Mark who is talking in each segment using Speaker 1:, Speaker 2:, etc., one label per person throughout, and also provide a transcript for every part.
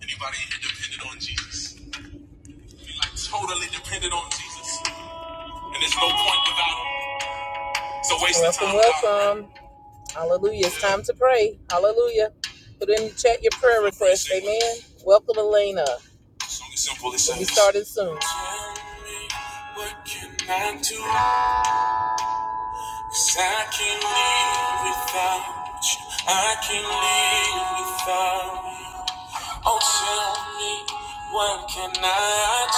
Speaker 1: Anybody here dependent on Jesus? We like totally dependent on Jesus. And there's no point without him. It's waste of Welcome, the time. Welcome, welcome. Hallelujah. It's time to pray. Hallelujah. Put in the chat your prayer request. Amen. Welcome, Elena. simple. It says, we started soon. what can I do? 'Cause I can't live without you. I can't live without you. Oh, tell me what can I do?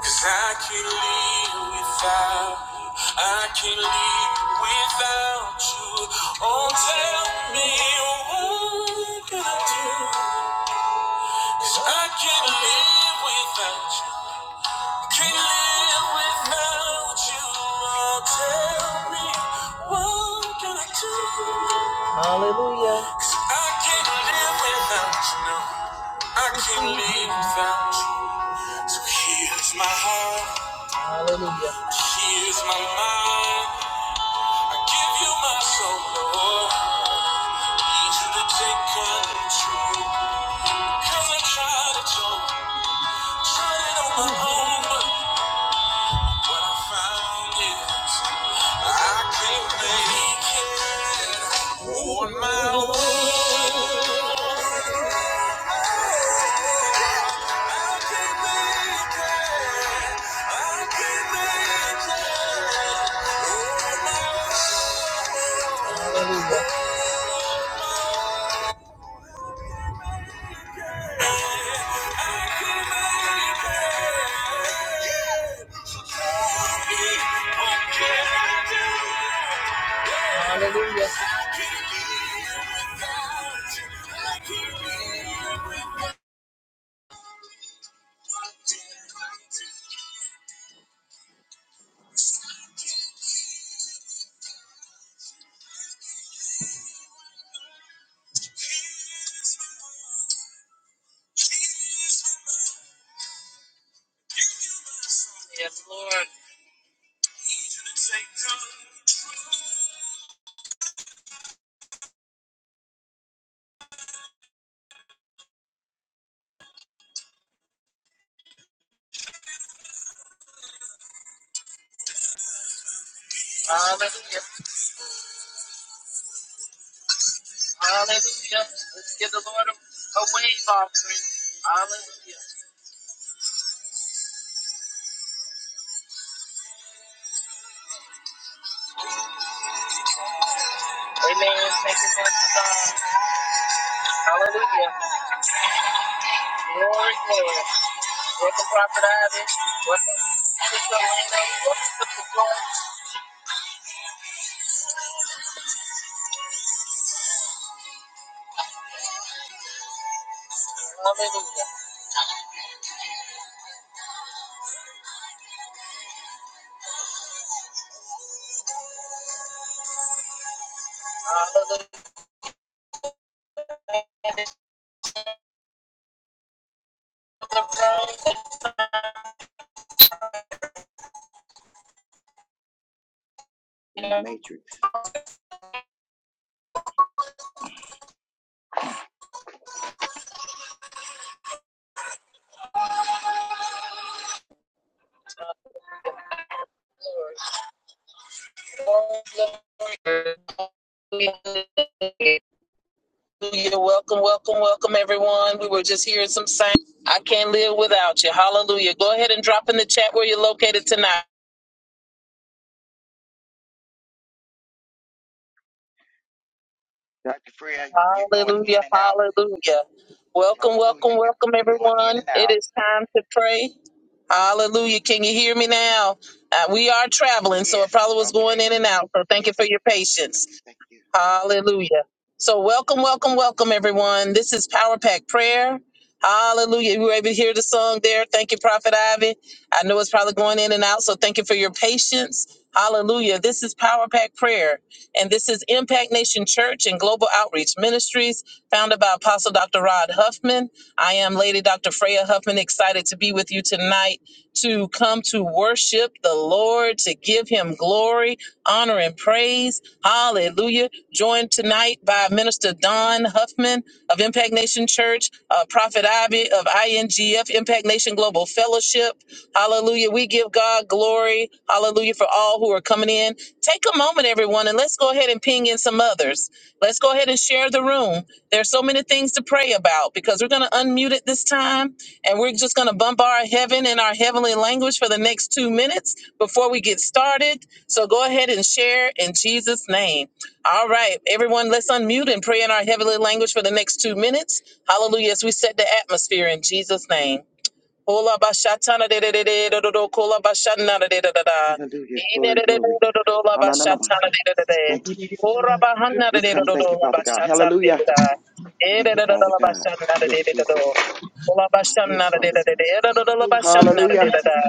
Speaker 1: Cause I can't live without you. I can't live without you. Oh, tell me what can I do? 'Cause I can't live without you. Can't live without you. Oh, tell me what can I do? Hallelujah. 'Cause I can't live without you. No, I can't live without you. So here's my heart. Hallelujah. Here's my mind. I give you my soul, Lord. Need you to take control. Cause I tried it all. Tried it on my own, but what I found is I can't make it on my own. I can't make it. I can't make it on my own. Hallelujah. Hallelujah. Yes, Lord. Hallelujah. Hallelujah. Let's give the Lord a, a wave offering. Hallelujah. Amen. Thank you, Master God. Hallelujah. Glory, glory. Welcome, Prophet Ivy. Welcome, Sister Elena. Welcome, Sister Glory. Hallelujah. Hallelujah.
Speaker 2: You're in the matrix.
Speaker 1: Glory, glory, glory. Hallelujah. Hallelujah. Welcome, welcome, welcome, everyone. We were just hearing some sign. I can't live without you. Hallelujah. Go ahead and drop in the chat where you're located tonight.
Speaker 2: Dr. Freya, you're going
Speaker 1: Hallelujah.
Speaker 2: in and out.
Speaker 1: Hallelujah. Welcome,
Speaker 2: Hallelujah.
Speaker 1: welcome,
Speaker 2: You,
Speaker 1: welcome,
Speaker 2: you're going in
Speaker 1: everyone.
Speaker 2: and
Speaker 1: It
Speaker 2: out.
Speaker 1: is time to pray. Hallelujah. Can you hear me now? Uh, we are traveling, so it
Speaker 2: Yes.
Speaker 1: probably was going
Speaker 2: Okay.
Speaker 1: in and out. So thank you
Speaker 2: Yes.
Speaker 1: for your patience.
Speaker 2: Thank you.
Speaker 1: Hallelujah. So welcome, welcome, welcome, everyone. This is Power Pack Prayer. Hallelujah. You were able to hear the song there. Thank you, Prophet Ivy. I know it's probably going in and out, so thank you for your patience. Hallelujah. This is Power Pack Prayer, and this is Impact Nation Church and Global Outreach Ministries, founded by Apostle Dr. Rod Huffman. I am Lady Dr. Freya Huffman, excited to be with you tonight to come to worship the Lord. Lord, to give him glory, honor, and praise. Hallelujah. Joined tonight by Minister Don Huffman of Impact Nation Church, uh, Prophet Ivy of INGF, Impact Nation Global Fellowship. Hallelujah. We give God glory. Hallelujah for all who are coming in. Take a moment, everyone, and let's go ahead and ping in some others. Let's go ahead and share the room. There's so many things to pray about because we're going to unmute it this time and we're just going to bombard heaven in our heavenly language for the next two minutes before we get started. So go ahead and share in Jesus' name. All right, everyone, let's unmute and pray in our heavenly language for the next two minutes. Hallelujah, as we set the atmosphere in Jesus' name. Kola bashatana de de de de do do do kola bashana de de de da da.
Speaker 2: Hallelujah.
Speaker 1: Ine
Speaker 2: Glory,
Speaker 1: de de do
Speaker 2: glory.
Speaker 1: do do do la bashatana
Speaker 2: Ananamasa.
Speaker 1: de de de de.
Speaker 2: Thank you, Jesus.
Speaker 1: Ora
Speaker 3: Hallelujah,
Speaker 1: bahana
Speaker 2: We
Speaker 1: de de do
Speaker 2: come.
Speaker 1: do do
Speaker 2: Thank you,
Speaker 1: la
Speaker 2: Father God.
Speaker 1: bashatana de
Speaker 2: Hallelujah.
Speaker 1: de da. E de
Speaker 2: Thank you,
Speaker 1: de do do
Speaker 2: Father
Speaker 1: la
Speaker 2: God.
Speaker 1: bashana de de
Speaker 2: Yes,
Speaker 1: de do
Speaker 2: Jesus.
Speaker 1: do. Kola bashana
Speaker 2: Yes,
Speaker 1: de de
Speaker 2: Father
Speaker 1: de de
Speaker 2: God.
Speaker 1: de E do do do la bashana de de
Speaker 2: Hallelujah.
Speaker 1: de da.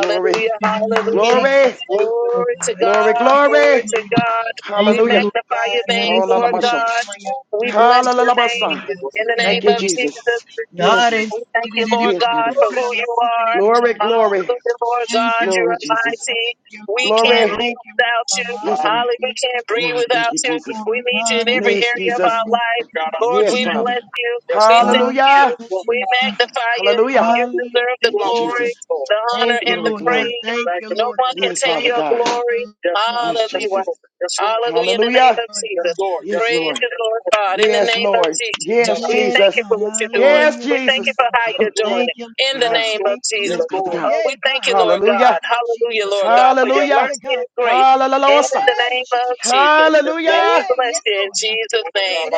Speaker 2: Glory,
Speaker 1: hallelujah.
Speaker 3: Jesus.
Speaker 2: glory,
Speaker 3: Thank you, Lord
Speaker 1: Glory to
Speaker 3: God.
Speaker 2: glory,
Speaker 1: God, glory
Speaker 2: glory.
Speaker 1: to God. We
Speaker 3: Thank you,
Speaker 2: Hallelujah.
Speaker 3: Lord
Speaker 1: magnify
Speaker 3: God.
Speaker 1: your
Speaker 3: God
Speaker 1: name,
Speaker 3: is Thank
Speaker 1: Lord
Speaker 3: you, Lord. Thank you, Lord God.
Speaker 2: Hallelujah.
Speaker 1: God. We bless your
Speaker 2: Hallelujah.
Speaker 1: name in the
Speaker 2: Thank
Speaker 1: name
Speaker 2: you,
Speaker 1: of
Speaker 2: Jesus.
Speaker 1: Jesus.
Speaker 2: Yes,
Speaker 1: We thank you, Lord
Speaker 2: yes,
Speaker 1: God,
Speaker 2: Father God.
Speaker 1: for who you are.
Speaker 2: Glory, glory.
Speaker 1: Hallelujah, Lord God, you
Speaker 2: Glory,
Speaker 1: are
Speaker 2: Jesus.
Speaker 1: mighty. We can't
Speaker 2: Glory.
Speaker 1: live
Speaker 3: Thank you, Lord
Speaker 1: without
Speaker 3: God.
Speaker 1: you.
Speaker 2: Yes, I'm.
Speaker 1: Hallelujah,
Speaker 3: Hallelujah,
Speaker 1: we can't
Speaker 3: Jesus.
Speaker 1: breathe
Speaker 2: No, thank
Speaker 1: without
Speaker 2: you,
Speaker 1: you.
Speaker 3: Oh
Speaker 2: Jesus.
Speaker 3: my
Speaker 1: We need you
Speaker 3: God,
Speaker 1: in every
Speaker 2: Yes,
Speaker 1: area of
Speaker 2: Jesus.
Speaker 1: our life. Lord,
Speaker 2: Yes,
Speaker 1: we
Speaker 2: Father.
Speaker 1: bless you. We thank you.
Speaker 2: Hallelujah.
Speaker 3: Hallelujah,
Speaker 1: We
Speaker 3: Jesus.
Speaker 1: magnify you.
Speaker 2: Hallelujah.
Speaker 1: You deserve the
Speaker 3: Hallelujah,
Speaker 2: Thank you,
Speaker 1: glory,
Speaker 2: Jesus.
Speaker 3: Jesus.
Speaker 1: the honor,
Speaker 3: Thank you,
Speaker 1: and the
Speaker 2: Glory,
Speaker 3: Lord God.
Speaker 2: glory.
Speaker 1: praise.
Speaker 3: Thank you,
Speaker 1: No
Speaker 3: Lord
Speaker 1: one
Speaker 3: God.
Speaker 1: can
Speaker 2: Yes,
Speaker 1: take
Speaker 2: Father
Speaker 3: Thank
Speaker 1: your
Speaker 3: you,
Speaker 2: God.
Speaker 1: glory.
Speaker 3: Lord
Speaker 2: Yes, Jesus.
Speaker 1: Hallelujah. Yes, Lord. Hallelujah in the name
Speaker 2: Hallelujah.
Speaker 1: of Yes, Jesus. Yes,
Speaker 3: God.
Speaker 1: Lord. Yes,
Speaker 2: Yes,
Speaker 1: Praise
Speaker 2: Lord.
Speaker 1: Lord. you, Lord God, in the
Speaker 2: Yes,
Speaker 1: name of
Speaker 2: Lord.
Speaker 1: Jesus.
Speaker 2: Yes,
Speaker 1: We
Speaker 3: Yes,
Speaker 1: thank
Speaker 2: Jesus.
Speaker 1: you for
Speaker 3: God.
Speaker 1: what you're doing.
Speaker 2: Yes,
Speaker 3: Hallelujah,
Speaker 1: We thank you
Speaker 2: Jesus.
Speaker 1: for
Speaker 3: Jesus.
Speaker 1: how Yes, you're doing
Speaker 3: Thank
Speaker 1: it
Speaker 3: you,
Speaker 1: in the Yes,
Speaker 3: Lord
Speaker 2: Hallelujah.
Speaker 3: God.
Speaker 1: name Lord. of
Speaker 3: Thank
Speaker 1: Yes,
Speaker 3: you,
Speaker 1: Jesus.
Speaker 2: Yes,
Speaker 3: Lord
Speaker 1: Yes,
Speaker 2: Father
Speaker 3: God.
Speaker 1: Lord.
Speaker 2: God.
Speaker 1: Oh, we
Speaker 3: Yay,
Speaker 1: thank
Speaker 3: God.
Speaker 1: you, Lord God.
Speaker 2: Hallelujah.
Speaker 3: Hallelujah,
Speaker 1: Hallelujah,
Speaker 3: Jesus.
Speaker 1: Yes, Lord Lord. God, for your
Speaker 3: Thank
Speaker 2: Hallelujah.
Speaker 3: you,
Speaker 1: mercy
Speaker 3: God.
Speaker 1: and
Speaker 3: Thank
Speaker 1: grace
Speaker 3: you.
Speaker 1: in
Speaker 2: Hallelujah.
Speaker 1: the
Speaker 3: Hey,
Speaker 1: name of
Speaker 3: Jesus.
Speaker 1: Jesus. Yes, And we
Speaker 3: Hey,
Speaker 2: Hallelujah.
Speaker 1: bless
Speaker 3: yes,
Speaker 1: you in
Speaker 3: Lord.
Speaker 1: Jesus'
Speaker 3: Hey,
Speaker 1: name.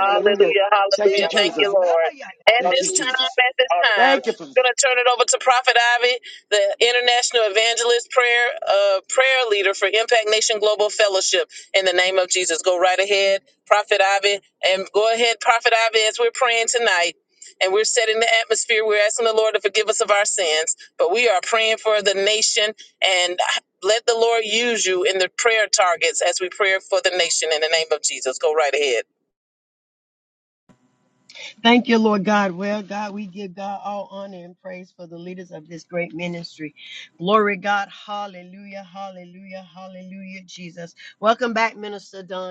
Speaker 2: Hallelujah. Thank you,
Speaker 1: hallelujah. Thank you,
Speaker 2: Jesus.
Speaker 1: Lord.
Speaker 3: God.
Speaker 1: At
Speaker 2: Thank you,
Speaker 1: this time,
Speaker 2: Jesus.
Speaker 1: at this time,
Speaker 2: Thank you for
Speaker 1: I'm going to turn it over to Prophet Ivy the International Evangelist Prayer uh, Prayer Leader for Impact Nation Global Fellowship. In the name of Jesus, go right ahead, Prophet Ivy, and go ahead, Prophet Ivy, as we're praying tonight. And we're setting the atmosphere. We're asking the Lord to forgive us of our sins, but we are praying for the nation and let the Lord use you in the prayer targets as we pray for the nation in the name of Jesus. Go right ahead.
Speaker 3: Thank you, Lord God. Well, God, we give God all honor and praise for the leaders of this great ministry. Glory, God. Hallelujah. Hallelujah. Hallelujah, Jesus. Welcome back, Minister Don.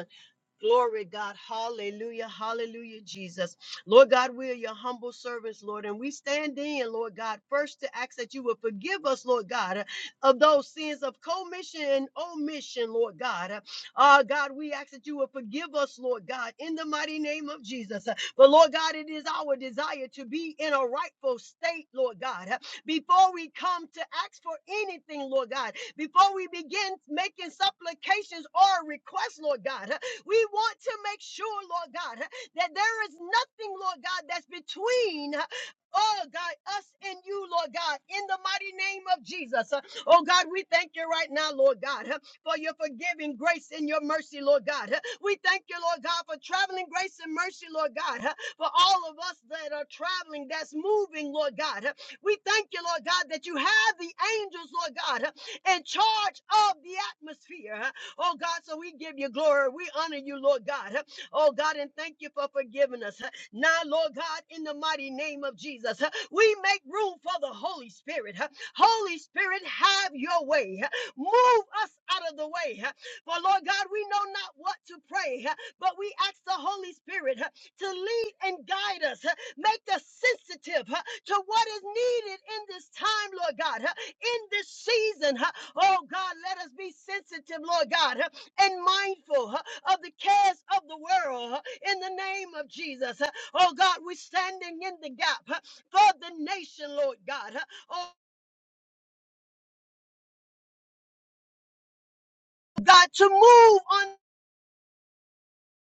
Speaker 3: Glory, God. Hallelujah. Hallelujah, Jesus. Lord God, we are your humble servants, Lord, and we stand in, Lord God, first to ask that you would forgive us, Lord God, uh, of those sins of commission and omission, Lord God. Uh, uh, God, we ask that you would forgive us, Lord God, in the mighty name of Jesus. Uh, But Lord God, it is our desire to be in a rightful state, Lord God. Uh, Before we come to ask for anything, Lord God, before we begin making supplications or requests, Lord God, uh, we want to make sure, Lord God, that there is nothing, Lord God, that's between Oh God, us and you, Lord God, in the mighty name of Jesus. Uh, Oh God, we thank you right now, Lord God, uh, for your forgiving grace and your mercy, Lord God. Uh, We thank you, Lord God, for traveling grace and mercy, Lord God, uh, for all of us that are traveling, that's moving, Lord God. Uh, We thank you, Lord God, that you have the angels, Lord God, uh, in charge of the atmosphere. Oh God, so we give you glory. We honor you, Lord God. Oh God, and thank you for forgiving us. Now, Lord God, in the mighty name of Jesus, we make room for the Holy Spirit. Holy Spirit, have your way. Move us out of the way. For Lord God, we know not what to pray, but we ask the Holy Spirit to lead and guide us. Make us sensitive to what is needed in this time, Lord God in this season. huh? Oh God, let us be sensitive, Lord God, huh, and mindful huh, of the cares of the world huh, in the name of Jesus. huh. Oh God, we're standing in the gap huh, for the nation, Lord God. huh. Oh God, to move on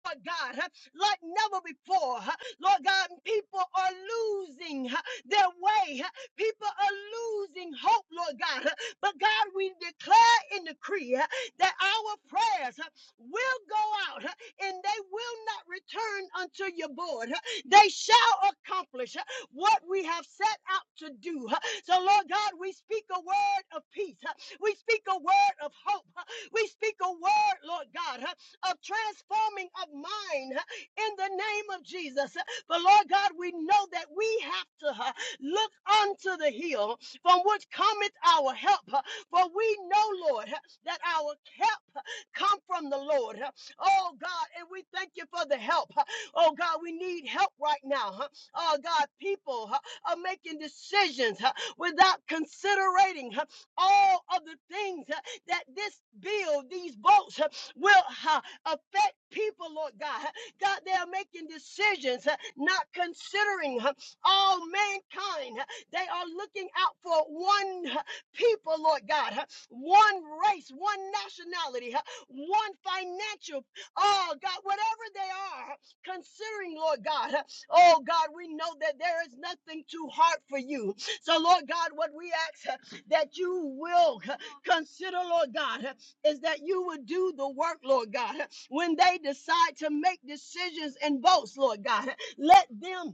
Speaker 3: Lord God, huh, like never before. huh. Lord God, people are losing huh, their way. huh. People are losing hope, Lord God. huh. But God, we declare and decree huh, that our prayers huh, will go out huh, and they will not return unto your board. huh. They shall accomplish huh, what we have set out to do. huh. So, Lord God, we speak a word of peace. huh. We speak a word of hope. huh. We speak a word, Lord God, huh, of transforming of mind huh, in the name of Jesus. But Lord God, we know that we have to huh, look unto the hill from which cometh our help. huh, For we know, Lord, huh, that our help huh, come from the Lord. huh. Oh God, and we thank you for the help. huh. Oh God, we need help right now. huh. Oh God, people huh, are making decisions huh, without considering all of the things uh, that this bill, these votes uh, will uh, affect people, Lord God. God, they are making decisions, uh, not considering uh, all mankind. They are looking out for one uh, people, Lord God, uh, one race, one nationality, uh, one financial, oh God, whatever they are, uh, considering, Lord God. uh, Oh God, we know that there is nothing too hard for you. So, Lord God, what we ask. uh, that you will consider, Lord God, is that you would do the work, Lord God. When they decide to make decisions and votes, Lord God, let them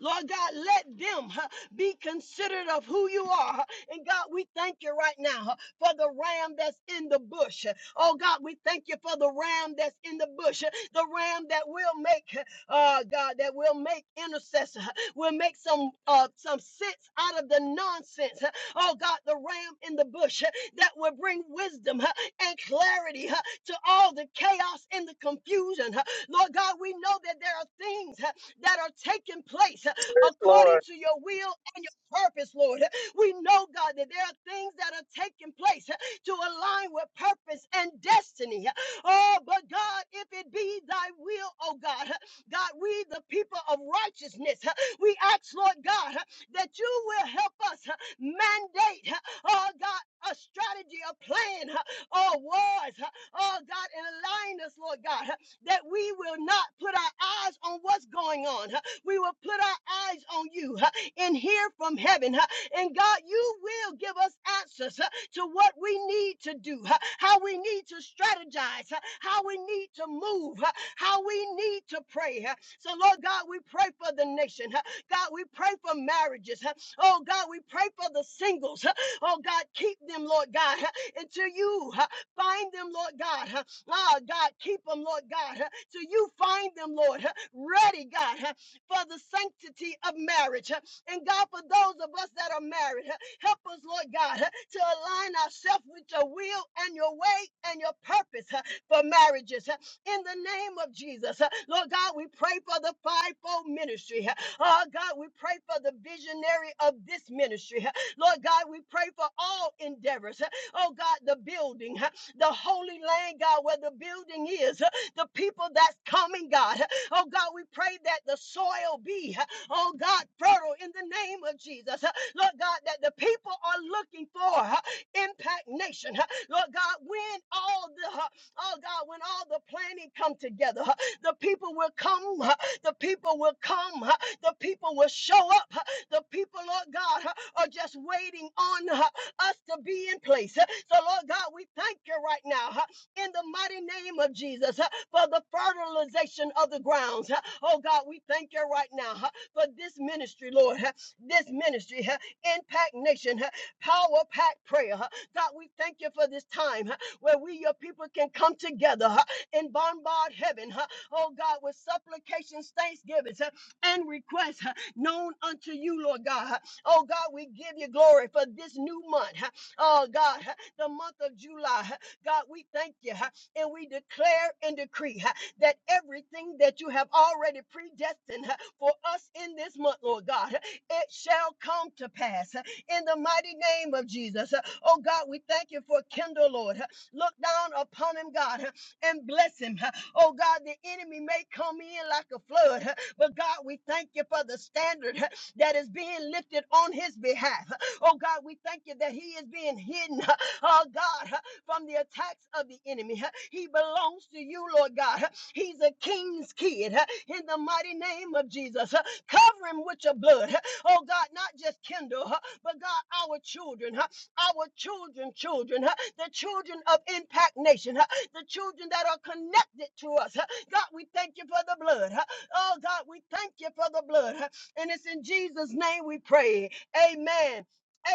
Speaker 3: Lord God, let them huh, be considerate of who you are. huh. And God, we thank you right now huh, for the ram that's in the bush. huh. Oh God, we thank you for the ram that's in the bush, huh. the ram that will make, huh, uh, God, that will make intercessor, huh. will make some uh, some sense out of the nonsense. huh. Oh God, the ram in the bush huh, that will bring wisdom huh, and clarity huh, to all the chaos and the confusion. huh. Lord God, we know that there are things. huh, that are taking place uh,
Speaker 1: Yes,
Speaker 3: according
Speaker 1: Lord.
Speaker 3: to your will and your purpose, Lord. We know, God, that there are things that are taking place uh, to align with purpose and destiny. Oh, but God, if it be thy will, oh God, God, we the people of righteousness, uh, we ask, Lord God, uh, that you will help us uh, mandate, uh, oh God, a strategy, a plan, uh, oh words, oh God, and align us, Lord God, that we will not put our eyes on what's going on. huh? We will put our eyes on you huh, and hear from heaven. huh? And God, you will give us answers huh, to what we need to do, huh, how we need to strategize, huh, how we need to move, huh, how we need to pray. huh. So, Lord God, we pray for the nation. huh. God, we pray for marriages. huh. Oh, God, we pray for the singles. huh. Oh, God, keep them, Lord God, huh, until you huh, find them, Lord God. huh. Oh, God, keep them, Lord God, huh, till you find them, Lord, huh, ready, God, huh, for the sanctity of marriage. huh. And God, for those of us that are married, huh, help us, Lord God, huh, to align ourselves with your will and your way and your purpose huh, for marriages. huh. In the name of Jesus, huh. Lord God, we pray for the fivefold ministry. huh. Oh, God, we pray for the visionary of this ministry. huh. Lord God, we pray for all endeavors. huh. Oh, God, the building. huh, the holy land, God, where the building is, the people that's coming, God. Oh, God, we pray that the soil be, oh, God, fertile in the name of Jesus. Lord God, that the people are looking for impact nation. Lord God, when all the, oh, God, when all the planning come together, the people will come, the people will come, the people will show up, the people, Lord God, are just waiting on uh, us to be in place. So, Lord God, we thank you right now uh, in the mighty name of Jesus uh, for the fertilization of the grounds. uh. Oh, God, we thank you right now uh, for this ministry, Lord, uh, this ministry, uh, Impact Nation, uh, Power Pack Prayer. uh. God, we thank you for this time uh, where we, your people, can come together uh, and bombard heaven. uh. Oh, God, with supplications, thanksgivings, uh, and requests known unto you, Lord God. Oh God, we give you glory for this new month. Oh God, the month of July. God, we thank you and we declare and decree that everything that you have already predestined for us in this month, Lord God, it shall come to pass in the mighty name of Jesus. Oh God, we thank you for Kendall, Lord. Look down upon him, God, and bless him. Oh God, the enemy may come in like a flood, huh? but God, we thank you for the standard huh, that is being lifted on his behalf. huh? Oh God, we thank you that he is being hidden, huh? oh God, huh, from the attacks of the enemy. huh? He belongs to you, Lord God. huh? He's a king's kid huh? in the mighty name of Jesus. huh? Cover him with your blood. huh? Oh God, not just Kendall, but God, our children. huh? our children, children, huh, the children of Impact Nation, huh, the children that are connected to us. huh. God, we thank you for the blood. huh. Oh, God, we thank you for the blood. huh. And it's in Jesus' name we pray. Amen.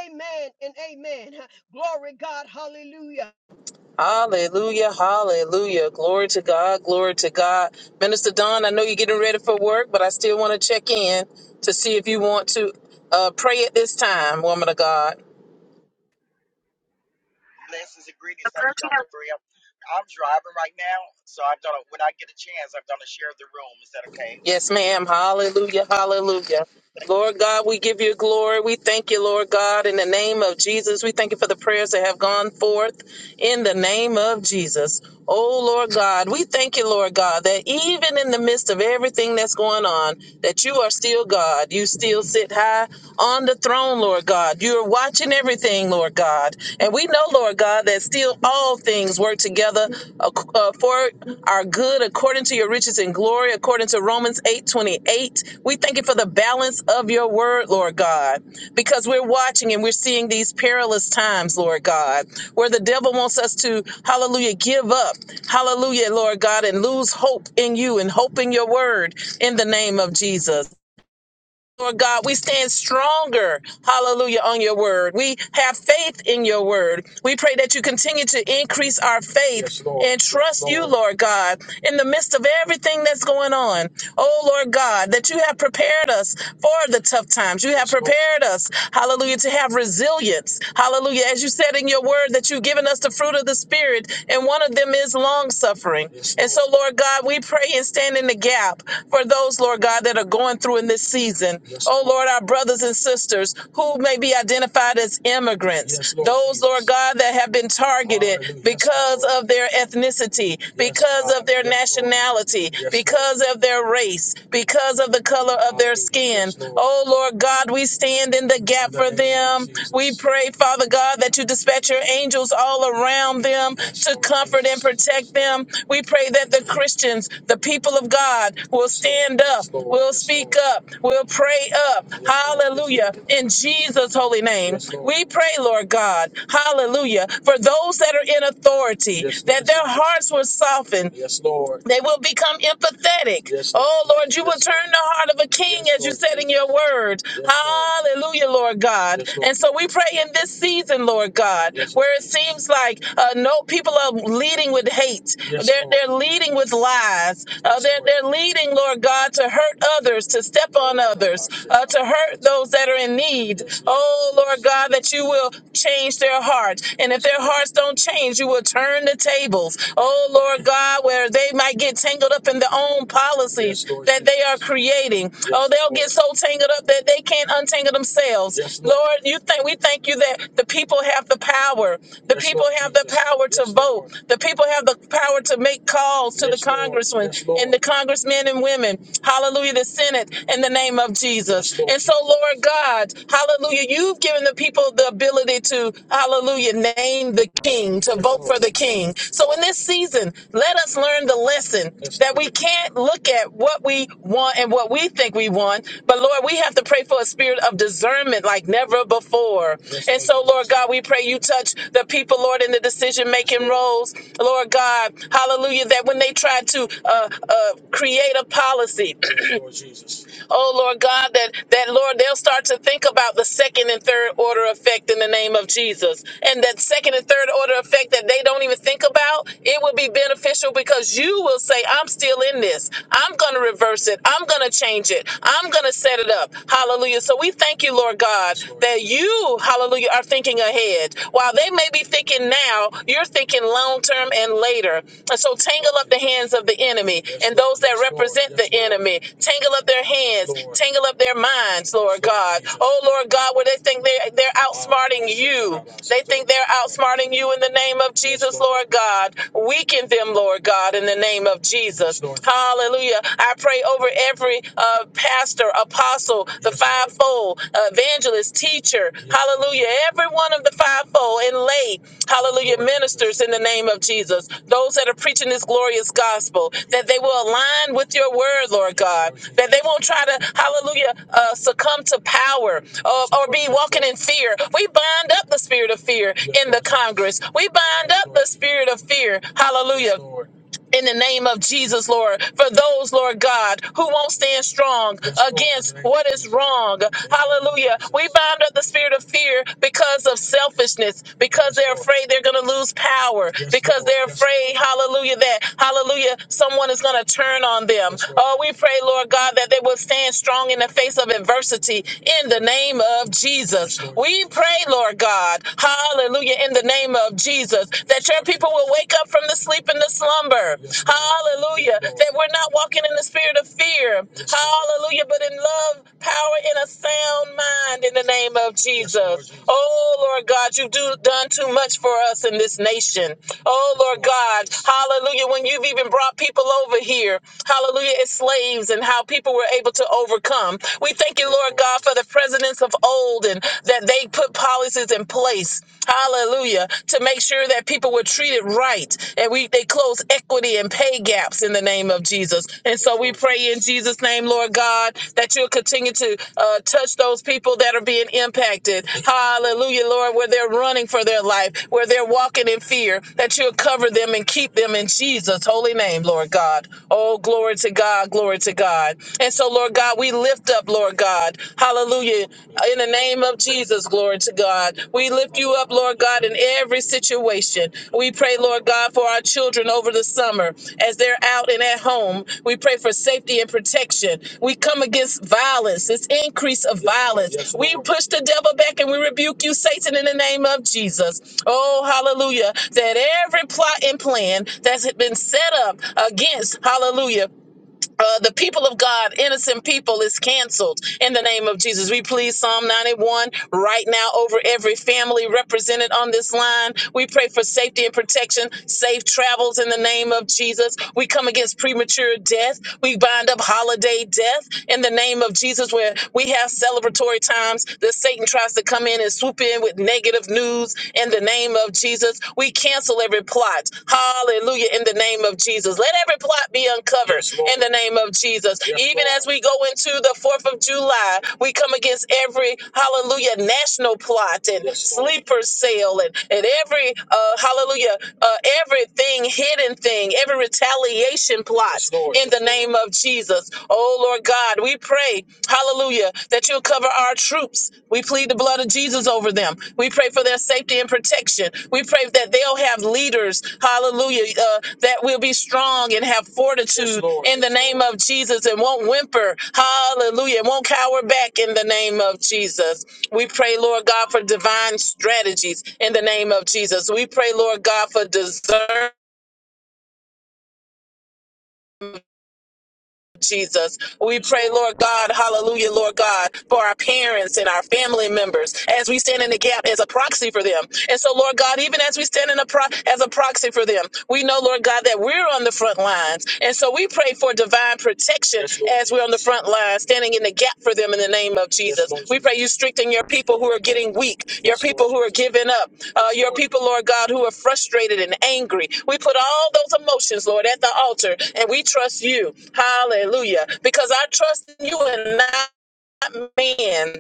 Speaker 3: Amen and amen. huh. Glory, God. Hallelujah.
Speaker 1: Hallelujah, hallelujah. Glory to God, glory to God. Minister Don, I know you're getting ready for work, but I still want to check in to see if you want to uh, pray at this time, woman of God.
Speaker 2: blessings and greetings. Thank you, Dr. Freya. I'm driving right now, so I'm gonna when I get a chance, I'm gonna share the room. Is that okay?
Speaker 1: Yes, ma'am. Hallelujah. Hallelujah. Lord God, we give you glory. We thank you, Lord God, in the name of Jesus. We thank you for the prayers that have gone forth in the name of Jesus. Oh, Lord God, we thank you, Lord God, that even in the midst of everything that's going on, that you are still God. You still sit high on the throne, Lord God. You are watching everything, Lord God. And we know, Lord. Lord God, that still all things work together ac- uh, for our good according to your riches and glory, according to Romans eight twenty eight. We thank you for the balance of your word, Lord God, because we're watching and we're seeing these perilous times, Lord God, where the devil wants us to, hallelujah, give up, hallelujah, Lord God, and lose hope in you and hope in your word in the name of Jesus. Lord God, we stand stronger, hallelujah, on your word. We have faith in your word. We pray that you continue to increase our faith Yes, Lord. and trust Yes, Lord. you, Lord God, in the midst of everything that's going on. Oh, Lord God, that you have prepared us for the tough times. You have Yes, Lord. prepared us, hallelujah, to have resilience. Hallelujah. As you said in your word, that you've given us the fruit of the Spirit, and one of them is long suffering. Yes, And so, Lord God, we pray and stand in the gap for those, Lord God, that are going through in this season season. Yes, Oh Lord. Lord, our brothers and sisters who may be identified as immigrants, Yes, Lord those, Lord God, that have been targeted Hallelujah. Yes, because Lord. of their ethnicity, Yes, because God. of their Yes, nationality, Yes, Lord. because Lord. of their race, because of the color of their skin. Yes, Lord. Oh Lord God, we stand in the In gap in the for them. We pray, Father God, that you dispatch your angels all around them Yes, to Lord comfort and protect them. We pray that the Christians, the people of God, will Yes, stand up, Yes, will Yes, speak Lord. up, will We'll pray up. Hallelujah. In Jesus' holy name. We pray, Lord God. Hallelujah. For those that are in authority, that their hearts will soften, yes, Lord. They will become empathetic. Yes, Lord. oh, Lord, you will turn the heart of a king yes, as you Lord, said in your word. Yes, Hallelujah, Lord God. Yes, Lord. And so we pray in this season, Lord God, yes, where it seems like uh, no people are leading with hate. Yes, they're, they're leading with lies. Uh, yes, they're, they're leading, Lord God, to hurt others, to step on on others, uh, to hurt those that are in need. Oh, Lord God, that you will change their hearts. And if their hearts don't change, you will turn the tables. Oh, Lord God, where they might get tangled up in their own policies Yes, that they are creating. oh, they'll get so tangled up that they can't untangle themselves. Yes, Lord. you think we thank you that the people have the power. The Yes, people have the power to Yes, vote. The people have the power to make calls to the Yes, congressmen Yes, and the congressmen and women. Hallelujah, the Senate and the the name of Jesus. And so, Lord God, hallelujah, you've given the people the ability to, hallelujah, name the king, to vote for the king. So, in this season, let us learn the lesson that we can't look at what we want and what we think we want, but Lord, we have to pray for a spirit of discernment like never before. And so, Lord God, we pray you touch the people, Lord, in the decision making roles, Lord God, hallelujah, that when they try to uh, uh, create a policy, Oh Lord God, that that Lord, they'll start to think about the second and third order effect in the name of Jesus. And that second and third order effect that they don't even think about, it will be beneficial because you will say, I'm still in this. I'm gonna reverse it. I'm gonna change it. I'm gonna set it up. Hallelujah. So we thank you, Lord God, that you, hallelujah, are thinking ahead. While they may be thinking now, you're thinking long term and later. And so tangle up the hands of the enemy and those that represent the enemy. Tangle up their hands, tangle up their minds, Lord God. Oh Lord God, where they think they're they're outsmarting you. They think they're outsmarting you in the name of Jesus, Lord God. Weaken them, Lord God, in the name of Jesus. Hallelujah. I pray over every uh, pastor, apostle, the fivefold fivefold evangelist, teacher, hallelujah, every one of the fivefold and lay, hallelujah, ministers in the name of Jesus, those that are preaching this glorious gospel, that they will align with your word, Lord God, that they won't try to, hallelujah, uh, succumb to power uh, or be walking in fear. We bind up the spirit of fear in the Congress. We bind up the spirit of fear, hallelujah in the name of Jesus, Lord, for those, Lord God, who won't stand strong against what is wrong. Hallelujah. We bind up the spirit of fear because of selfishness, because they're afraid they're going to lose power, because they're afraid, hallelujah, that, hallelujah, someone is going to turn on them. Oh, we pray, Lord God, that they will stand strong in the face of adversity in the name of Jesus. We pray, Lord God, hallelujah, in the name of Jesus. Jesus, that your people will wake up from the sleep and the slumber. Hallelujah. That we're not walking in the spirit of fear. Hallelujah. But in love, power, and a sound mind in the name of Jesus. Oh, Lord God, you've do, done too much for us in this nation. Oh, Lord God. Hallelujah. When you've even brought people over here, hallelujah, as slaves and how people were able to overcome. We thank you, Lord God, for the presidents of old and that they they put policies in place, hallelujah, to make sure that people were treated right. And we they close equity and pay gaps in the name of Jesus. And so we pray in Jesus' name, Lord God, that you'll continue to uh, touch those people that are being impacted. Hallelujah, Lord, where they're running for their life, where they're walking in fear, that you'll cover them and keep them in Jesus' holy name, Lord God. Oh, glory to God, glory to God. And so, Lord God, we lift up, up, Lord God. Hallelujah. In the name of Jesus, glory to God. We lift you up, Lord God, in every situation. We pray, Lord God, for our children over the summer as they're out and at home. We pray for safety and protection. We come against violence, this increase of violence. we push the devil back and we rebuke you, Satan, in the name of Jesus. Oh, hallelujah. That every plot and plan that's been set up against, hallelujah, uh, the people of God, innocent people, is canceled in the name of Jesus. We please Psalm 91 right now over every family represented on this line. We pray for safety and protection, safe travels in the name of Jesus. We come against premature death. We bind up holiday death in the name of Jesus, where we have celebratory times that Satan tries to come in and swoop in with negative news in the name of name of Jesus. We cancel every plot. Hallelujah. In the name of Jesus. Let every plot be uncovered Yes, Lord. in the name of Jesus. Yes, Even Lord. as we go into the 4th of July, we come against every, hallelujah, national plot and Yes, Lord. sleeper cell and, and every, uh, hallelujah, uh, everything, hidden thing, every retaliation plot Yes, Lord. in the name of Jesus. Oh, Lord God, we pray today, Hallelujah. That you'll cover our troops. We plead the blood of Jesus over them. We pray for their safety and protection. We pray that they'll have leaders. Hallelujah. Uh, that will be strong and have fortitude Yes, Lord. in the name of Jesus and won't whimper. Hallelujah. and Won't cower back in the name of Jesus. We pray, Lord God, for divine strategies in the name of Jesus. We pray, Lord God, for discernment Jesus. We pray, Lord God, hallelujah, Lord God, for our parents and our family members as we stand in the gap as a proxy for them. And so, Lord God, even as we stand in a pro- as a proxy for them, we know, Lord God, that we're on the front lines. And so we pray for divine protection Yes, Lord. as we're on the front line, standing in the gap for them in the name of Yes, Jesus. Yes, Lord. we pray you strengthen your people who are getting weak, your Yes, people Lord. who are giving up, uh, your people, Lord God, who are frustrated and angry. We put all those emotions, Lord, at the altar and we trust you. Hallelujah. Because I trust in you and not man.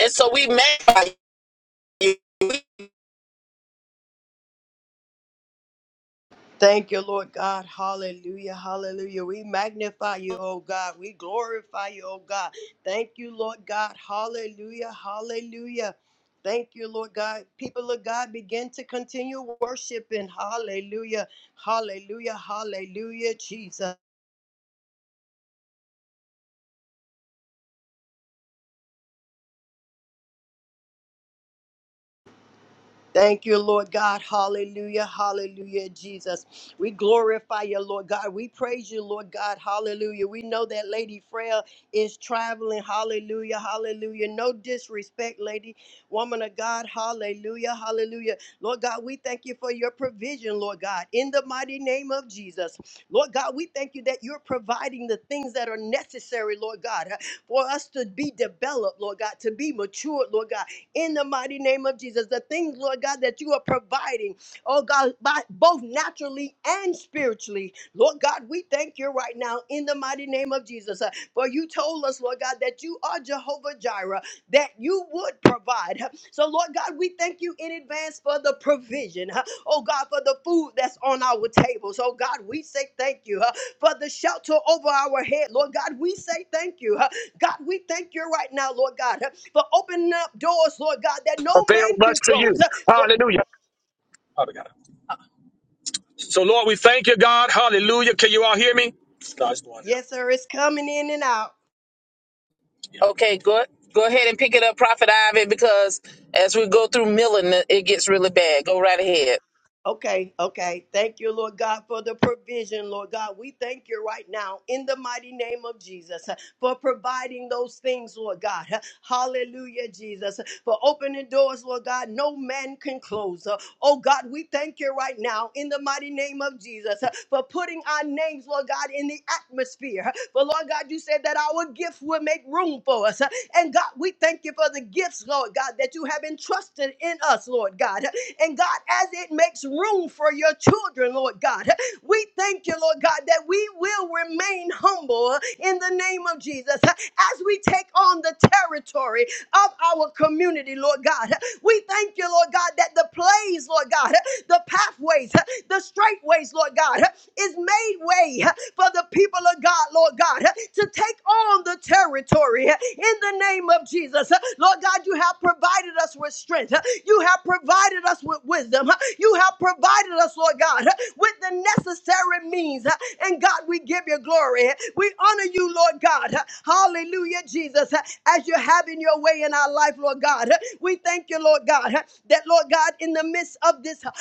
Speaker 1: And so we magnify.
Speaker 3: Thank you, Lord God. Hallelujah. Hallelujah. We magnify you, oh God. We glorify you, oh God. Thank you, Lord God. Hallelujah. Hallelujah. Thank you, Lord God. People of God, begin to continue worshiping. Hallelujah. Hallelujah. Hallelujah. Jesus. Thank you, Lord God. Hallelujah. Hallelujah, Jesus. We glorify you, Lord God. We praise you, Lord God. Hallelujah. We know that Lady Frail is traveling. Hallelujah. Hallelujah. No disrespect, lady, woman of God. Hallelujah. Hallelujah. Lord God, we thank you for your provision, Lord God, in the mighty name of Jesus. Lord God, we thank you that you're providing the things that are necessary, Lord God, for us to be developed, Lord God, to be matured, Lord God in the mighty name of Jesus. The things, Lord God, that you are providing, oh God, by, both naturally and spiritually. Lord God, we thank you right now in the mighty name of Jesus. Uh, For you told us, Lord God, that you are Jehovah Jireh, that you would provide. Uh, So, Lord God, we thank you in advance for the provision. huh? Oh God, for the food that's on our tables. Oh God, we say thank you huh, for the shelter over our head. Lord God, we say thank you. uh, God, we thank you right now, Lord God, for opening up doors, Lord God, that no man can close. For
Speaker 1: Father God. So, Lord, we thank you, God. Hallelujah. Can you all hear me? No, it's going out.
Speaker 3: yes, sir, it's coming in and out.
Speaker 1: Yeah. Okay, good. Go ahead and pick it up, Prophet Ivan, because as we go through milling, it gets really bad. Go right ahead.
Speaker 3: Okay, okay. Thank you, Lord God, for the provision, Lord God. We thank you right now in the mighty name of Jesus uh, for providing those things, Lord God. Uh, Hallelujah, Jesus. For opening doors, Lord God, no man can close. Uh, Oh God, we thank you right now in the mighty name of Jesus uh, for putting our names, Lord God, in the atmosphere. But Lord God, you said that our gift will make room for us. Uh, And God, we thank you for the gifts, Lord God, that you have entrusted in us, Lord God. Uh, and God, as it makes room for your children, Lord God, we thank you, Lord God, that we will remain humble in the name of Jesus as we take on the territory of our community, Lord God. We thank you, Lord God, that the plays, Lord God, the pathways the straight ways, Lord God, is made way for the people of God, Lord God, to take on the territory in the name of Jesus. Lord God, you have provided us with strength. You have provided us with wisdom. You have provided us, Lord God, with the necessary means. And God, we give you glory. We honor you, Lord God. Hallelujah, Jesus, as you're having your way in our life, Lord God. We thank you, Lord God, huh, that, Lord God, in the midst of this uh,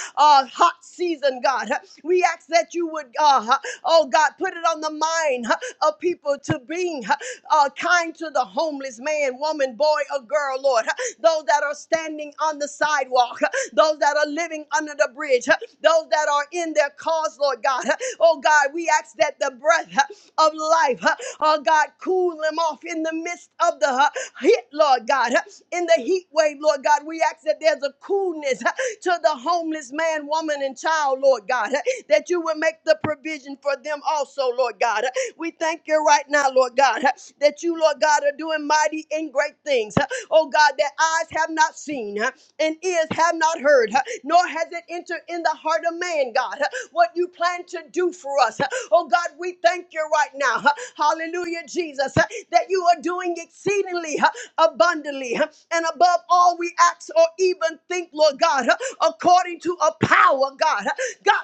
Speaker 3: hot season, God, huh, we ask that you would, uh, huh, oh God, put it on the mind huh, of people to being huh, uh, kind to the homeless man, woman, boy, or girl, Lord. huh, Those that are standing on the sidewalk, huh, those that are living under the bridge, huh, those that are in their cars, Lord God. huh. Oh God, we ask that the breath huh, of life, huh, oh Lord God, cool them off in the midst of the uh, heat, Lord God, uh, in the heat wave, Lord God. We ask that there's a coolness uh, to the homeless man, woman, and child, Lord God, uh, that you will make the provision for them also, Lord God. Uh, We thank you right now, Lord God, uh, that you, Lord God, are doing mighty and great things. uh, Oh God, that eyes have not seen, uh, and ears have not heard, huh, nor has it entered in the heart of man, God, huh, what you plan to do for us. huh. Oh, God, we thank you right now. huh. Hallelujah, Jesus. uh, That you are doing exceedingly uh, abundantly uh, and above all we ask or even think, Lord God, uh, according to a power, God. uh, God,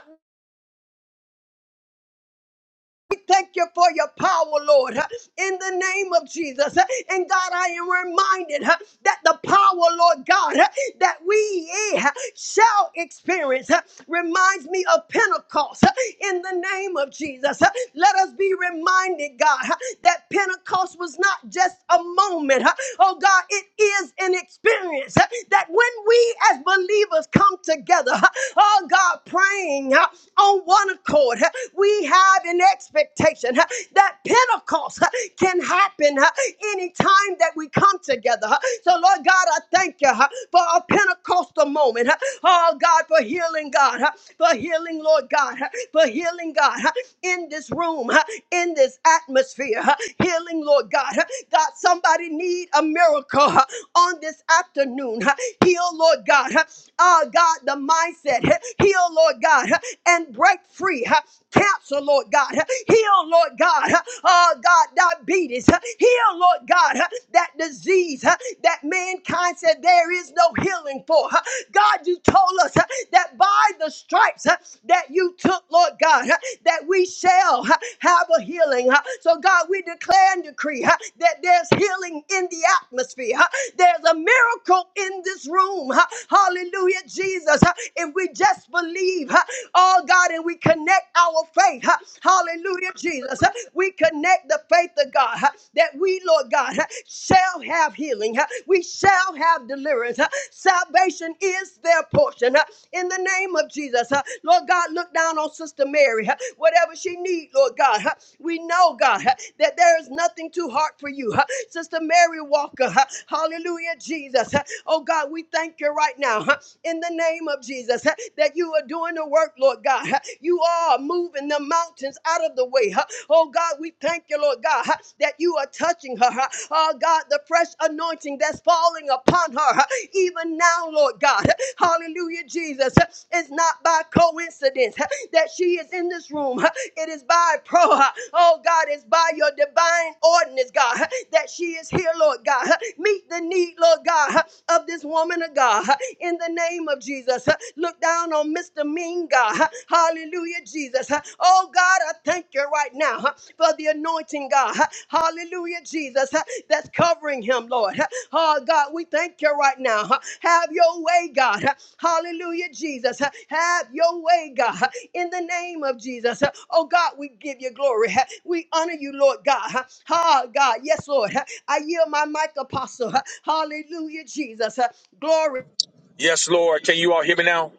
Speaker 3: we thank you for your power, Lord, huh, in the name of Jesus. huh. And God, I am reminded huh, that the power, Lord God, huh, that we eh, huh, shall experience huh, reminds me of Pentecost huh, in the name of Jesus. huh. Let us be reminded, God, huh, that Pentecost was not just a moment. huh. Oh, God, it is an experience huh, that when we as believers come together, huh, oh, God, praying, huh, on one accord. Huh? We have an expectation huh, that Pentecost huh, can happen huh, anytime that we come together. huh. So, Lord God, I thank you huh, for a Pentecostal moment. huh. Oh, God, for healing, God, huh, for healing, Lord God, huh, for healing, God, huh, in this room, huh, in this atmosphere. huh. Healing, Lord God. huh. God, somebody need a miracle huh, on this afternoon tune. Heal, Lord God. Ah, God, the mindset. Heal, Lord God, and break free. Cancer, Lord God. Heal, Lord God. Ah, God, diabetes. Heal, Lord God, that disease that mankind said there is no healing for. God, you told us that by the stripes that you took, Lord God, that we shall have a healing. So, God, we declare declare and decree huh, that there's healing in the atmosphere. huh. There's a miracle in this room. huh. Hallelujah, Jesus. huh. If we just believe, huh, oh God, and we connect our faith. huh. Hallelujah, Jesus. huh. We connect the faith of God huh, that we, Lord God, huh, shall have healing. huh. We shall have deliverance. huh. Salvation is their portion. huh. In the name of Jesus, huh. Lord God, not look down on Sister Mary, huh, whatever she need, Lord God. huh. We know, God, huh, that there is nothing too hard for you. huh. Sister Mary Walker, huh, hallelujah, Jesus. huh. Oh God, we thank you right now huh, in the name of Jesus huh, that you are doing the work, Lord God. huh. You are moving the mountains out of the way. huh. Oh God, we thank you, Lord God, huh, that you are touching her. huh. Oh God, the fresh anointing that's falling upon her. huh even now, Lord God. Hallelujah, Jesus. It's not by coincidence that she is in this room. It is by pro. Oh God, it's by your divine ordinance, God, that she is here, Lord God. Meet the need, Lord God, of this woman of God. In the name of Jesus, look down on Mr. Mean, God. Hallelujah, Jesus. Oh God, I thank you right now for the anointing, God. Hallelujah, Jesus, that's covering him, Lord. Oh, God, we thank you right now. huh? Have your way, God. Hallelujah, Jesus. Have your way, God. In the name of Jesus. Oh, God, we give you glory. We honor you, Lord God. Oh, God. Yes, Lord. I yield my mic, Apostle. Hallelujah, Jesus. Glory.
Speaker 4: Yes, Lord. Can you all hear me now?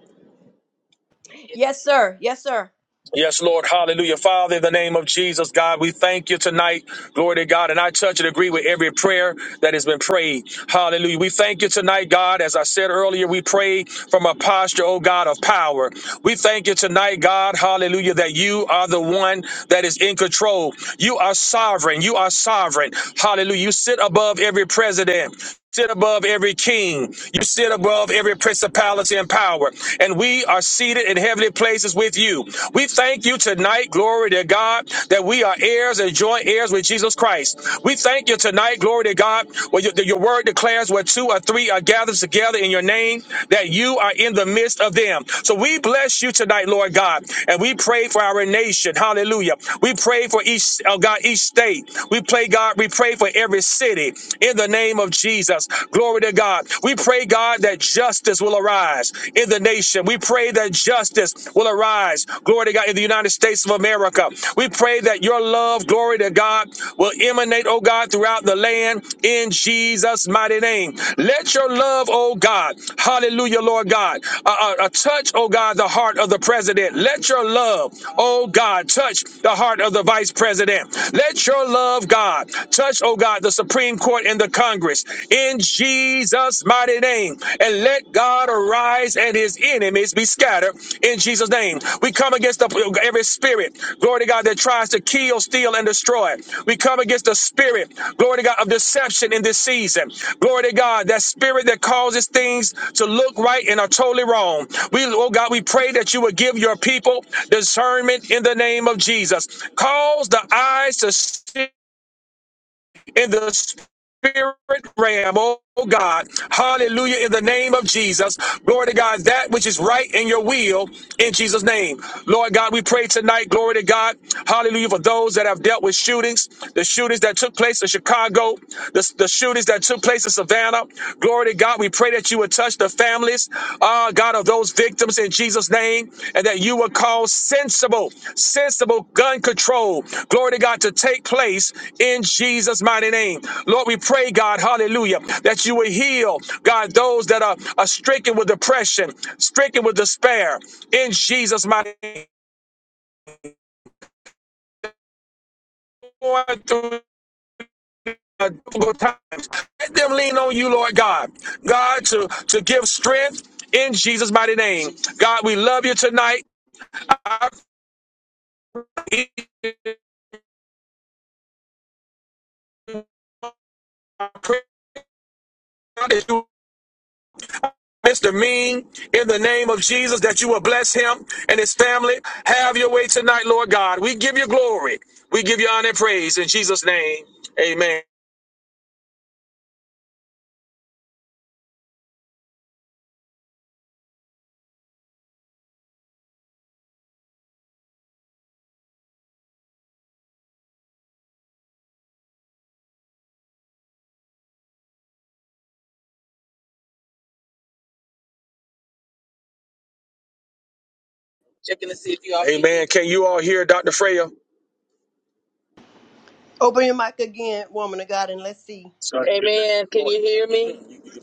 Speaker 3: Yes, sir. Yes, sir.
Speaker 4: Yes, Lord. Hallelujah. Father, in the name of Jesus, God, we thank you tonight. Glory to God. And I touch and agree with every prayer that has been prayed. Hallelujah. We thank you tonight, God. As I said earlier, we pray from a posture, oh God, of power. We thank you tonight, God. Hallelujah. That you are the one that is in control. You are sovereign. You are sovereign. Hallelujah. You sit above every president sit above every king. You sit above every principality and power. And we are seated in heavenly places with you. We thank you tonight, glory to God, that we are heirs and joint heirs with Jesus Christ. We thank you tonight, glory to God, where your, your word declares where two or three are gathered together in your name, that you are in the midst of them. So we bless you tonight, Lord God, and we pray for our nation. Hallelujah. We pray for each, oh God, each state. We pray, God, we pray for every city in the name of Jesus. Glory to God. We pray, God, that justice will arise in the nation. We pray that justice will arise, glory to God, in the United States of America. We pray that your love, glory to God, will emanate, oh God, throughout the land in Jesus' mighty name. Let your love, oh God, hallelujah, Lord God, uh, uh, uh, touch, oh God, the heart of the president. Let your love, oh God, touch the heart of the vice president. Let your love, God, touch oh God, the Supreme Court and the Congress in Jesus' mighty name. And let God arise and his enemies be scattered in Jesus' name. We come against the, every spirit, glory to God, that tries to kill, steal, and destroy. We come against the spirit, glory to God, of deception in this season. Glory to God, that spirit that causes things to look right and are totally wrong. We, oh God, we pray that you would give your people discernment in the name of Jesus. Cause the eyes to see in the spirit realm, oh God. Hallelujah. In the name of Jesus. Glory to God, that which is right in your will in Jesus' name. Lord God, we pray tonight, glory to God. Hallelujah. For those that have dealt with shootings, the shootings that took place in Chicago, the, the shootings that took place in Savannah. Glory to God. We pray that you would touch the family families, uh, God, of those victims in Jesus' name, and that you will cause sensible, sensible gun control, glory to God, to take place in Jesus' mighty name. Lord, we pray, God, hallelujah, that you will heal, God, those that are, are stricken with depression, stricken with despair, in Jesus' mighty name. Going through a difficult time. Let them lean on you, Lord God, God, to, to give strength in Jesus' mighty name. God, we love you tonight. I pray that you Mr. Mean, in the name of Jesus, that you will bless him and his family. Have your way tonight, Lord God. We give you glory. We give you honor and praise in Jesus' name. Amen. Checking to see if you all. Amen. Can you all hear Dr. Freya?
Speaker 3: Open your mic again, woman of God, and let's see.
Speaker 4: Amen. Can you hear me?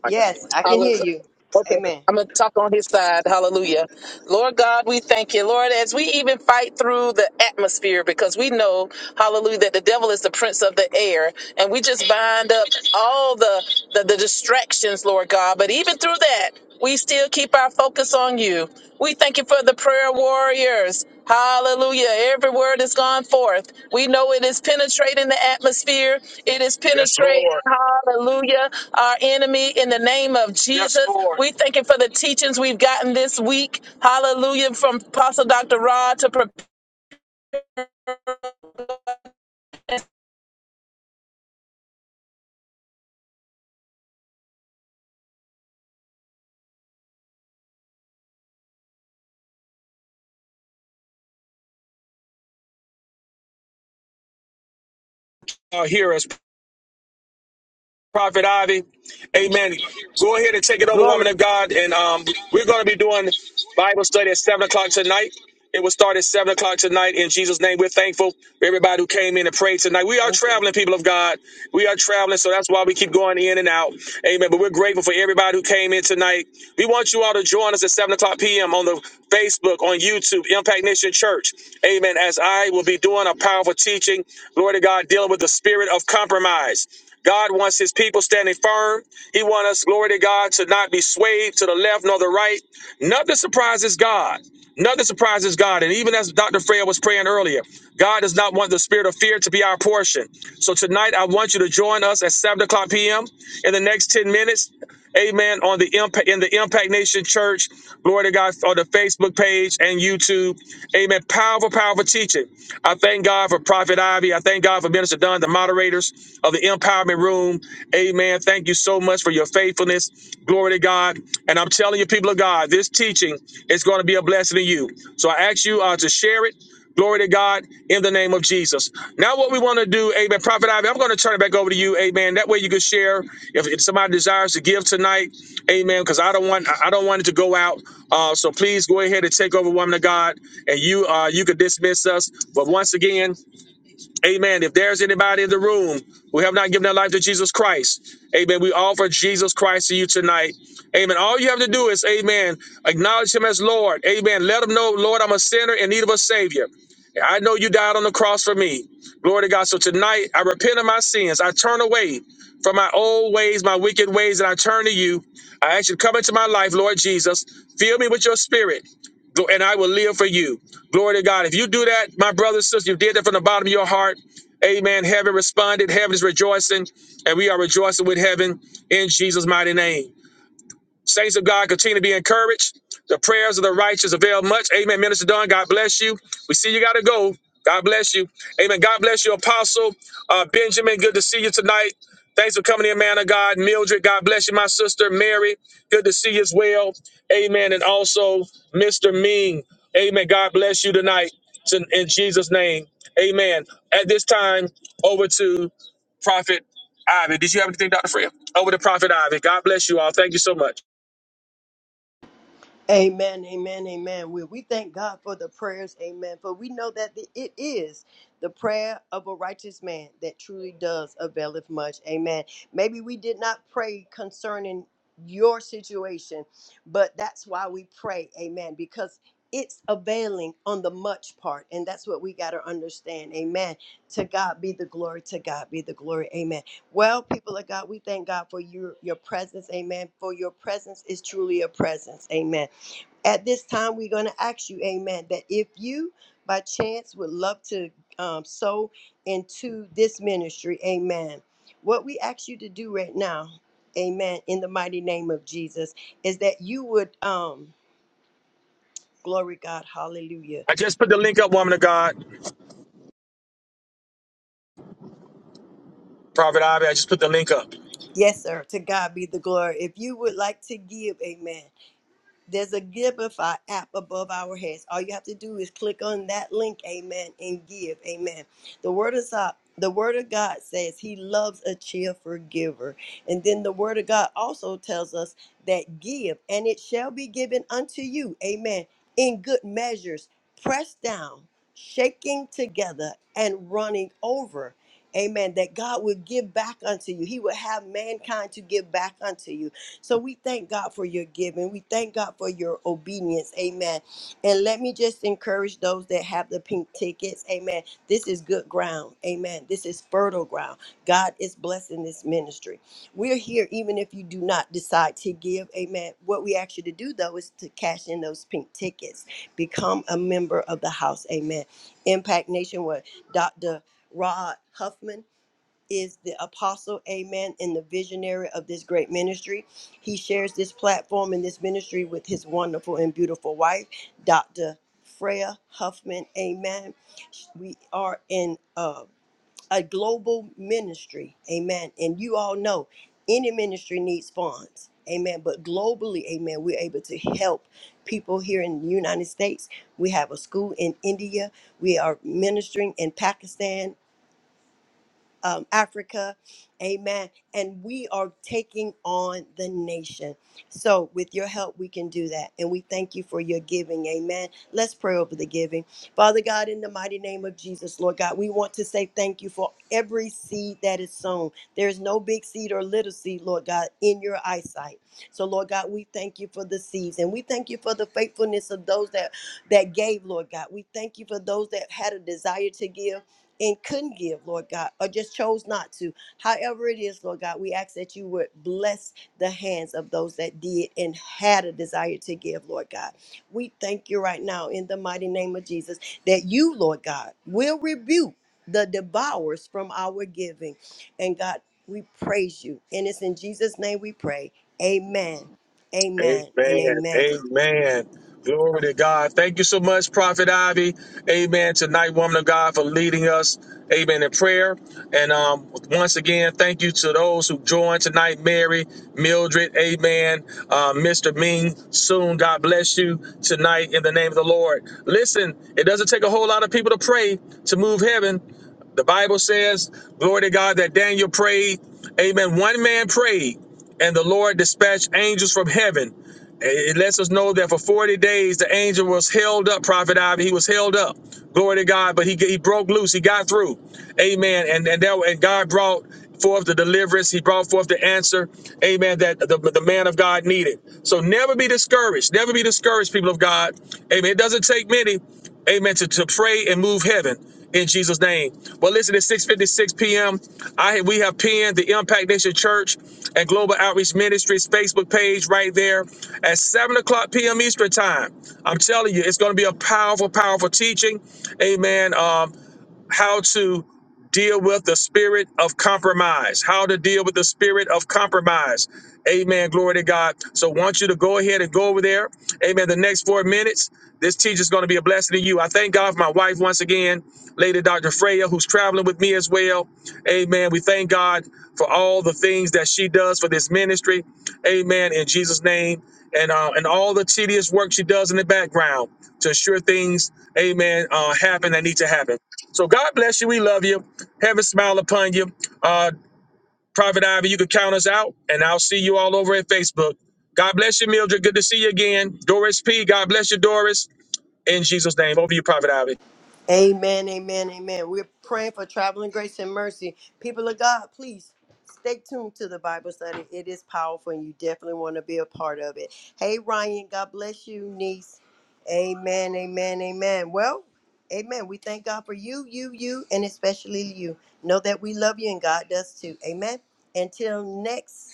Speaker 3: Yes, I can hear
Speaker 4: Hallelujah.
Speaker 3: you.
Speaker 4: Okay.
Speaker 3: Amen.
Speaker 4: I'm going to talk on his side. Hallelujah. Lord God, we thank you. Lord, as we even fight through the atmosphere, because we know, hallelujah, that the devil is the prince of the air. And we just bind up all the, the, the distractions, Lord God. But even through that, we still keep our focus on you. We thank you for the prayer warriors. Hallelujah. Every word has gone forth. We know it is penetrating the atmosphere. It is
Speaker 1: Yes,
Speaker 4: penetrating,
Speaker 1: Lord.
Speaker 4: hallelujah, our enemy in the name of Yes, Jesus. Lord. We thank you for the teachings we've gotten this week. Hallelujah. From Apostle Dr. Rod to prepare.
Speaker 1: Uh, hear us. Prophet Ivy. Amen. Go ahead and take it over, woman of God. And um, we're going to be doing Bible study at 7 o'clock tonight. It will start at 7 o'clock tonight. In Jesus' name, we're thankful for everybody who came in and prayed tonight. We are traveling, people of God. We are traveling, so that's why we keep going in and out. Amen. But we're grateful for everybody who came in tonight. We want you all to join us at 7 o'clock p.m. on the Facebook, on YouTube, Impact Nation Church. Amen. As I will be doing a powerful teaching, glory to God, dealing with the spirit of compromise. God wants his people standing firm. He wants us, glory to God, to not be swayed to the left nor the right. Nothing surprises God. Nothing surprises God. And even as Dr. Freya was praying earlier, God does not want the spirit of fear to be our portion. So tonight, I want you to join us at 7 o'clock p.m. in the next 10 minutes. Amen. On the impact in the Impact Nation Church, glory to God on the Facebook page and YouTube. Amen. Powerful, powerful teaching. I thank God for Prophet Ivy. I thank God for Minister Dunn, the moderators of the Empowerment Room. Amen. Thank you so much much for your faithfulness. Glory to God. And I'm telling you, people of God, this teaching is going to be a blessing to you. So I ask you uh, to share it. Glory to God in the name of Jesus. Now, what we want to do, amen. Prophet Ivy, I'm going to turn it back over to you, amen. That way you can share if, if somebody desires to give tonight, amen, because I don't want I don't want it to go out. Uh, so please go ahead and take over, woman of God, and you uh, you can dismiss us. But once again, Amen. If there's anybody in the room who have not given their life to Jesus Christ, amen, we offer Jesus Christ to you tonight. Amen. All you have to do is, amen, acknowledge him as Lord. Amen. Let him know, Lord, I'm a sinner in need of a Savior. I know you died on the cross for me. Glory to God. So tonight, I repent of my sins. I turn away from my old ways, my wicked ways, and I turn to you. I ask you to come into my life, Lord Jesus. Fill me with your spirit. Gl- And I will live for you. Glory to God. If you do that, my brothers, sisters, you did that from the bottom of your heart. Amen. Heaven responded. Heaven is rejoicing. And we are rejoicing with heaven in Jesus' mighty name. Saints of God, continue to be encouraged. The prayers of the righteous avail much. Amen. Minister Don, God bless you. We see you got to go. God bless you. Amen. God bless you, Apostle uh, Benjamin. Good to see you tonight. Thanks for coming in, man of God. Mildred, God bless you, my sister. Mary, good to see you as well. Amen. And also, Mr. Ming. Amen. God bless you tonight It's in, in Jesus' name. Amen. At this time, over to Prophet Ivy. Did you have anything, Dr. Freya? Over to Prophet Ivy. God bless you all. Thank you so much.
Speaker 3: Amen, amen, amen. We, we thank God for the prayers, amen. For we know that the, it is the prayer of a righteous man that truly does availeth much, amen. Maybe we did not pray concerning your situation, but that's why we pray, amen, because it's availing on the much part, and that's what we got to understand, amen. To God be the glory, to God be the glory, amen. Well, people of God, we thank God for your, your presence, amen. For your presence is truly a presence, amen. At this time, we're going to ask you, amen, that if you by chance would love to um, sow into this ministry, amen, what we ask you to do right now, amen, in the mighty name of Jesus, is that you would, um, glory God, hallelujah.
Speaker 4: I just put the link up, woman of God. Prophet Ivy, I just put the link up.
Speaker 3: Yes, sir, to God be the glory. If you would like to give, amen. There's a Giveify app above our heads. All you have to do is click on that link, amen, and give, amen. The word is up. The word of God says he loves a cheerful giver. And then the word of God also tells us that give and it shall be given unto you, amen, in good measures, pressed down, shaking together, and running over. Amen. That God will give back unto you. He will have mankind to give back unto you. So we thank God for your giving. We thank God for your obedience. Amen. And let me just encourage those that have the pink tickets. Amen. This is good ground. Amen. This is fertile ground. God is blessing this ministry. We're here even if you do not decide to give. Amen. What we ask you to do though is to cash in those pink tickets. Become a member of the house. Amen. Impact Nation with Dr. Rod Huffman is the apostle, amen, and the visionary of this great ministry. He shares this platform and this ministry with his wonderful and beautiful wife, Dr. Freya Huffman, amen. We are in uh, a global ministry, amen. And you all know any ministry needs funds, amen. But globally, amen, we're able to help people here in the United States. We have a school in India, we are ministering in Pakistan um, Africa. Amen. And we are taking on the nation. So, with your help, we can do that. And we thank you for your giving. Amen. Let's pray over the giving. Father God, in the mighty name of Jesus, Lord God, we want to say thank you for every seed that is sown. There is no big seed or little seed, Lord God, in your eyesight. So, Lord God, we thank you for the seeds and we thank you for the faithfulness of those that, that gave, Lord God. We thank you for those that had a desire to give and couldn't give, Lord God, or just chose not to. However, it is, Lord God, we ask that you would bless the hands of those that did and had a desire to give, Lord God. We thank you right now in the mighty name of Jesus that you, Lord God, will rebuke the devourers from our giving. And God, we praise you. And it's in Jesus' name we pray. Amen. Amen and
Speaker 4: Amen.
Speaker 3: amen.
Speaker 4: Amen. Glory to God. Thank you so much, Prophet Ivy. Amen. Tonight, woman of God, for leading us. Amen. In prayer. And um, once again, thank you to those who joined tonight Mary, Mildred, Amen. Uh, Mr. Ming, soon. God bless you tonight in the name of the Lord. Listen, it doesn't take a whole lot of people to pray to move heaven. The Bible says, glory to God, that Daniel prayed. Amen. One man prayed, and the Lord dispatched angels from heaven. It lets us know that for 40 days the angel was held up, Prophet Ivy. He was held up. Glory to God. But he, he broke loose. He got through. Amen. And and, that, and God brought forth the deliverance. He brought forth the answer. Amen. That the, the man of God needed. So never be discouraged. Never be discouraged, people of God. Amen. It doesn't take many. Amen. To, to pray and move heaven in Jesus' name. Well, listen, at 6:56 p.m. I we have pinned the Impact Nation Church and Global Outreach Ministries Facebook page right there at 7 o'clock p.m. Eastern time. I'm telling you, it's going to be a powerful, powerful teaching. Amen. Um, how to deal with the spirit of compromise, how to deal with the spirit of compromise. Amen. Glory to God. So I want you to go ahead and go over there. Amen. The next four minutes, this teacher is going to be a blessing to you. I thank God for my wife once again, Lady Dr. Freya, who's traveling with me as well. Amen. We thank God for all the things that she does for this ministry. Amen. In Jesus' name. And, uh, and all the tedious work she does in the background to ensure things, amen, uh, happen that need to happen. So God bless you. We love you. Heaven smile upon you. Uh, Private Ivy, you can count us out, and I'll see you all over at Facebook. God bless you, Mildred. Good to see you again. Doris P. God bless you, Doris. In Jesus' name, over you, Private Ivy.
Speaker 3: Amen, amen, amen. We're praying for traveling grace and mercy. People of God, please stay tuned to the Bible study. It is powerful and you definitely want to be a part of it. Hey, Ryan, God bless you, niece. Amen, amen, amen. Well, amen. We thank God for you, you, you, and especially you. Know that we love you and God does too. Amen. Until next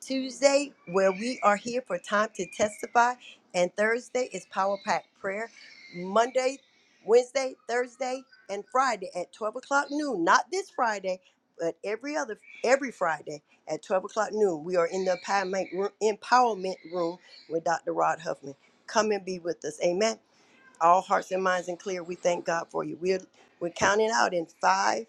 Speaker 3: Tuesday, where we are here for time to testify, and Thursday is Power Pack Prayer. Monday, Wednesday, Thursday, and Friday at 12 o'clock noon. Not this Friday, but every other every Friday at 12 o'clock noon. We are in the empowerment room, empowerment room with Dr. Rod Huffman. Come and be with us. Amen. All hearts and minds and clear. We thank God for you. We're we're counting out in five,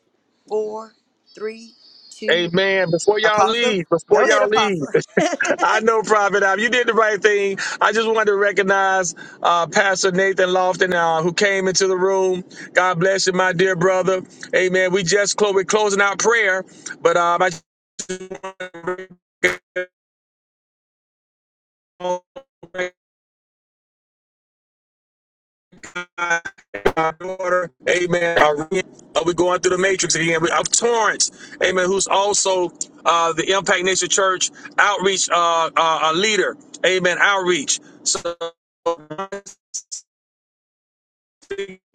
Speaker 3: four, three, two.
Speaker 4: Amen. Before y'all
Speaker 3: Apostle,
Speaker 4: leave, before
Speaker 3: go ahead,
Speaker 4: y'all leave,
Speaker 3: Apostle.
Speaker 4: I know Private Ivy, you did the right thing. I just wanted to recognize uh, Pastor Nathan Lofton, uh, who came into the room. God bless you, my dear brother. Amen. We just close. We're closing out prayer, but um, I. our daughter, amen, Irene, uh, we're going through the matrix again, We- of Torrance, amen, who's also uh, the Impact Nation Church outreach uh, uh, uh, leader, amen, outreach. So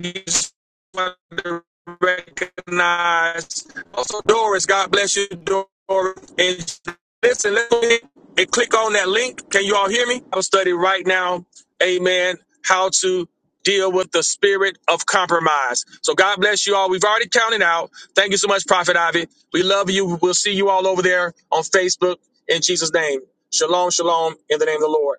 Speaker 4: just want to recognize. Also, Doris, God bless you, Doris. And listen, let's go ahead and click on that link. Can you all hear me? I'm studying right now, amen, how to deal with the spirit of compromise. So God bless you all. We've already counted out. Thank you so much, Prophet Ivy. We love you. We'll see you all over there on Facebook in Jesus' name. Shalom, shalom, in the name of the Lord.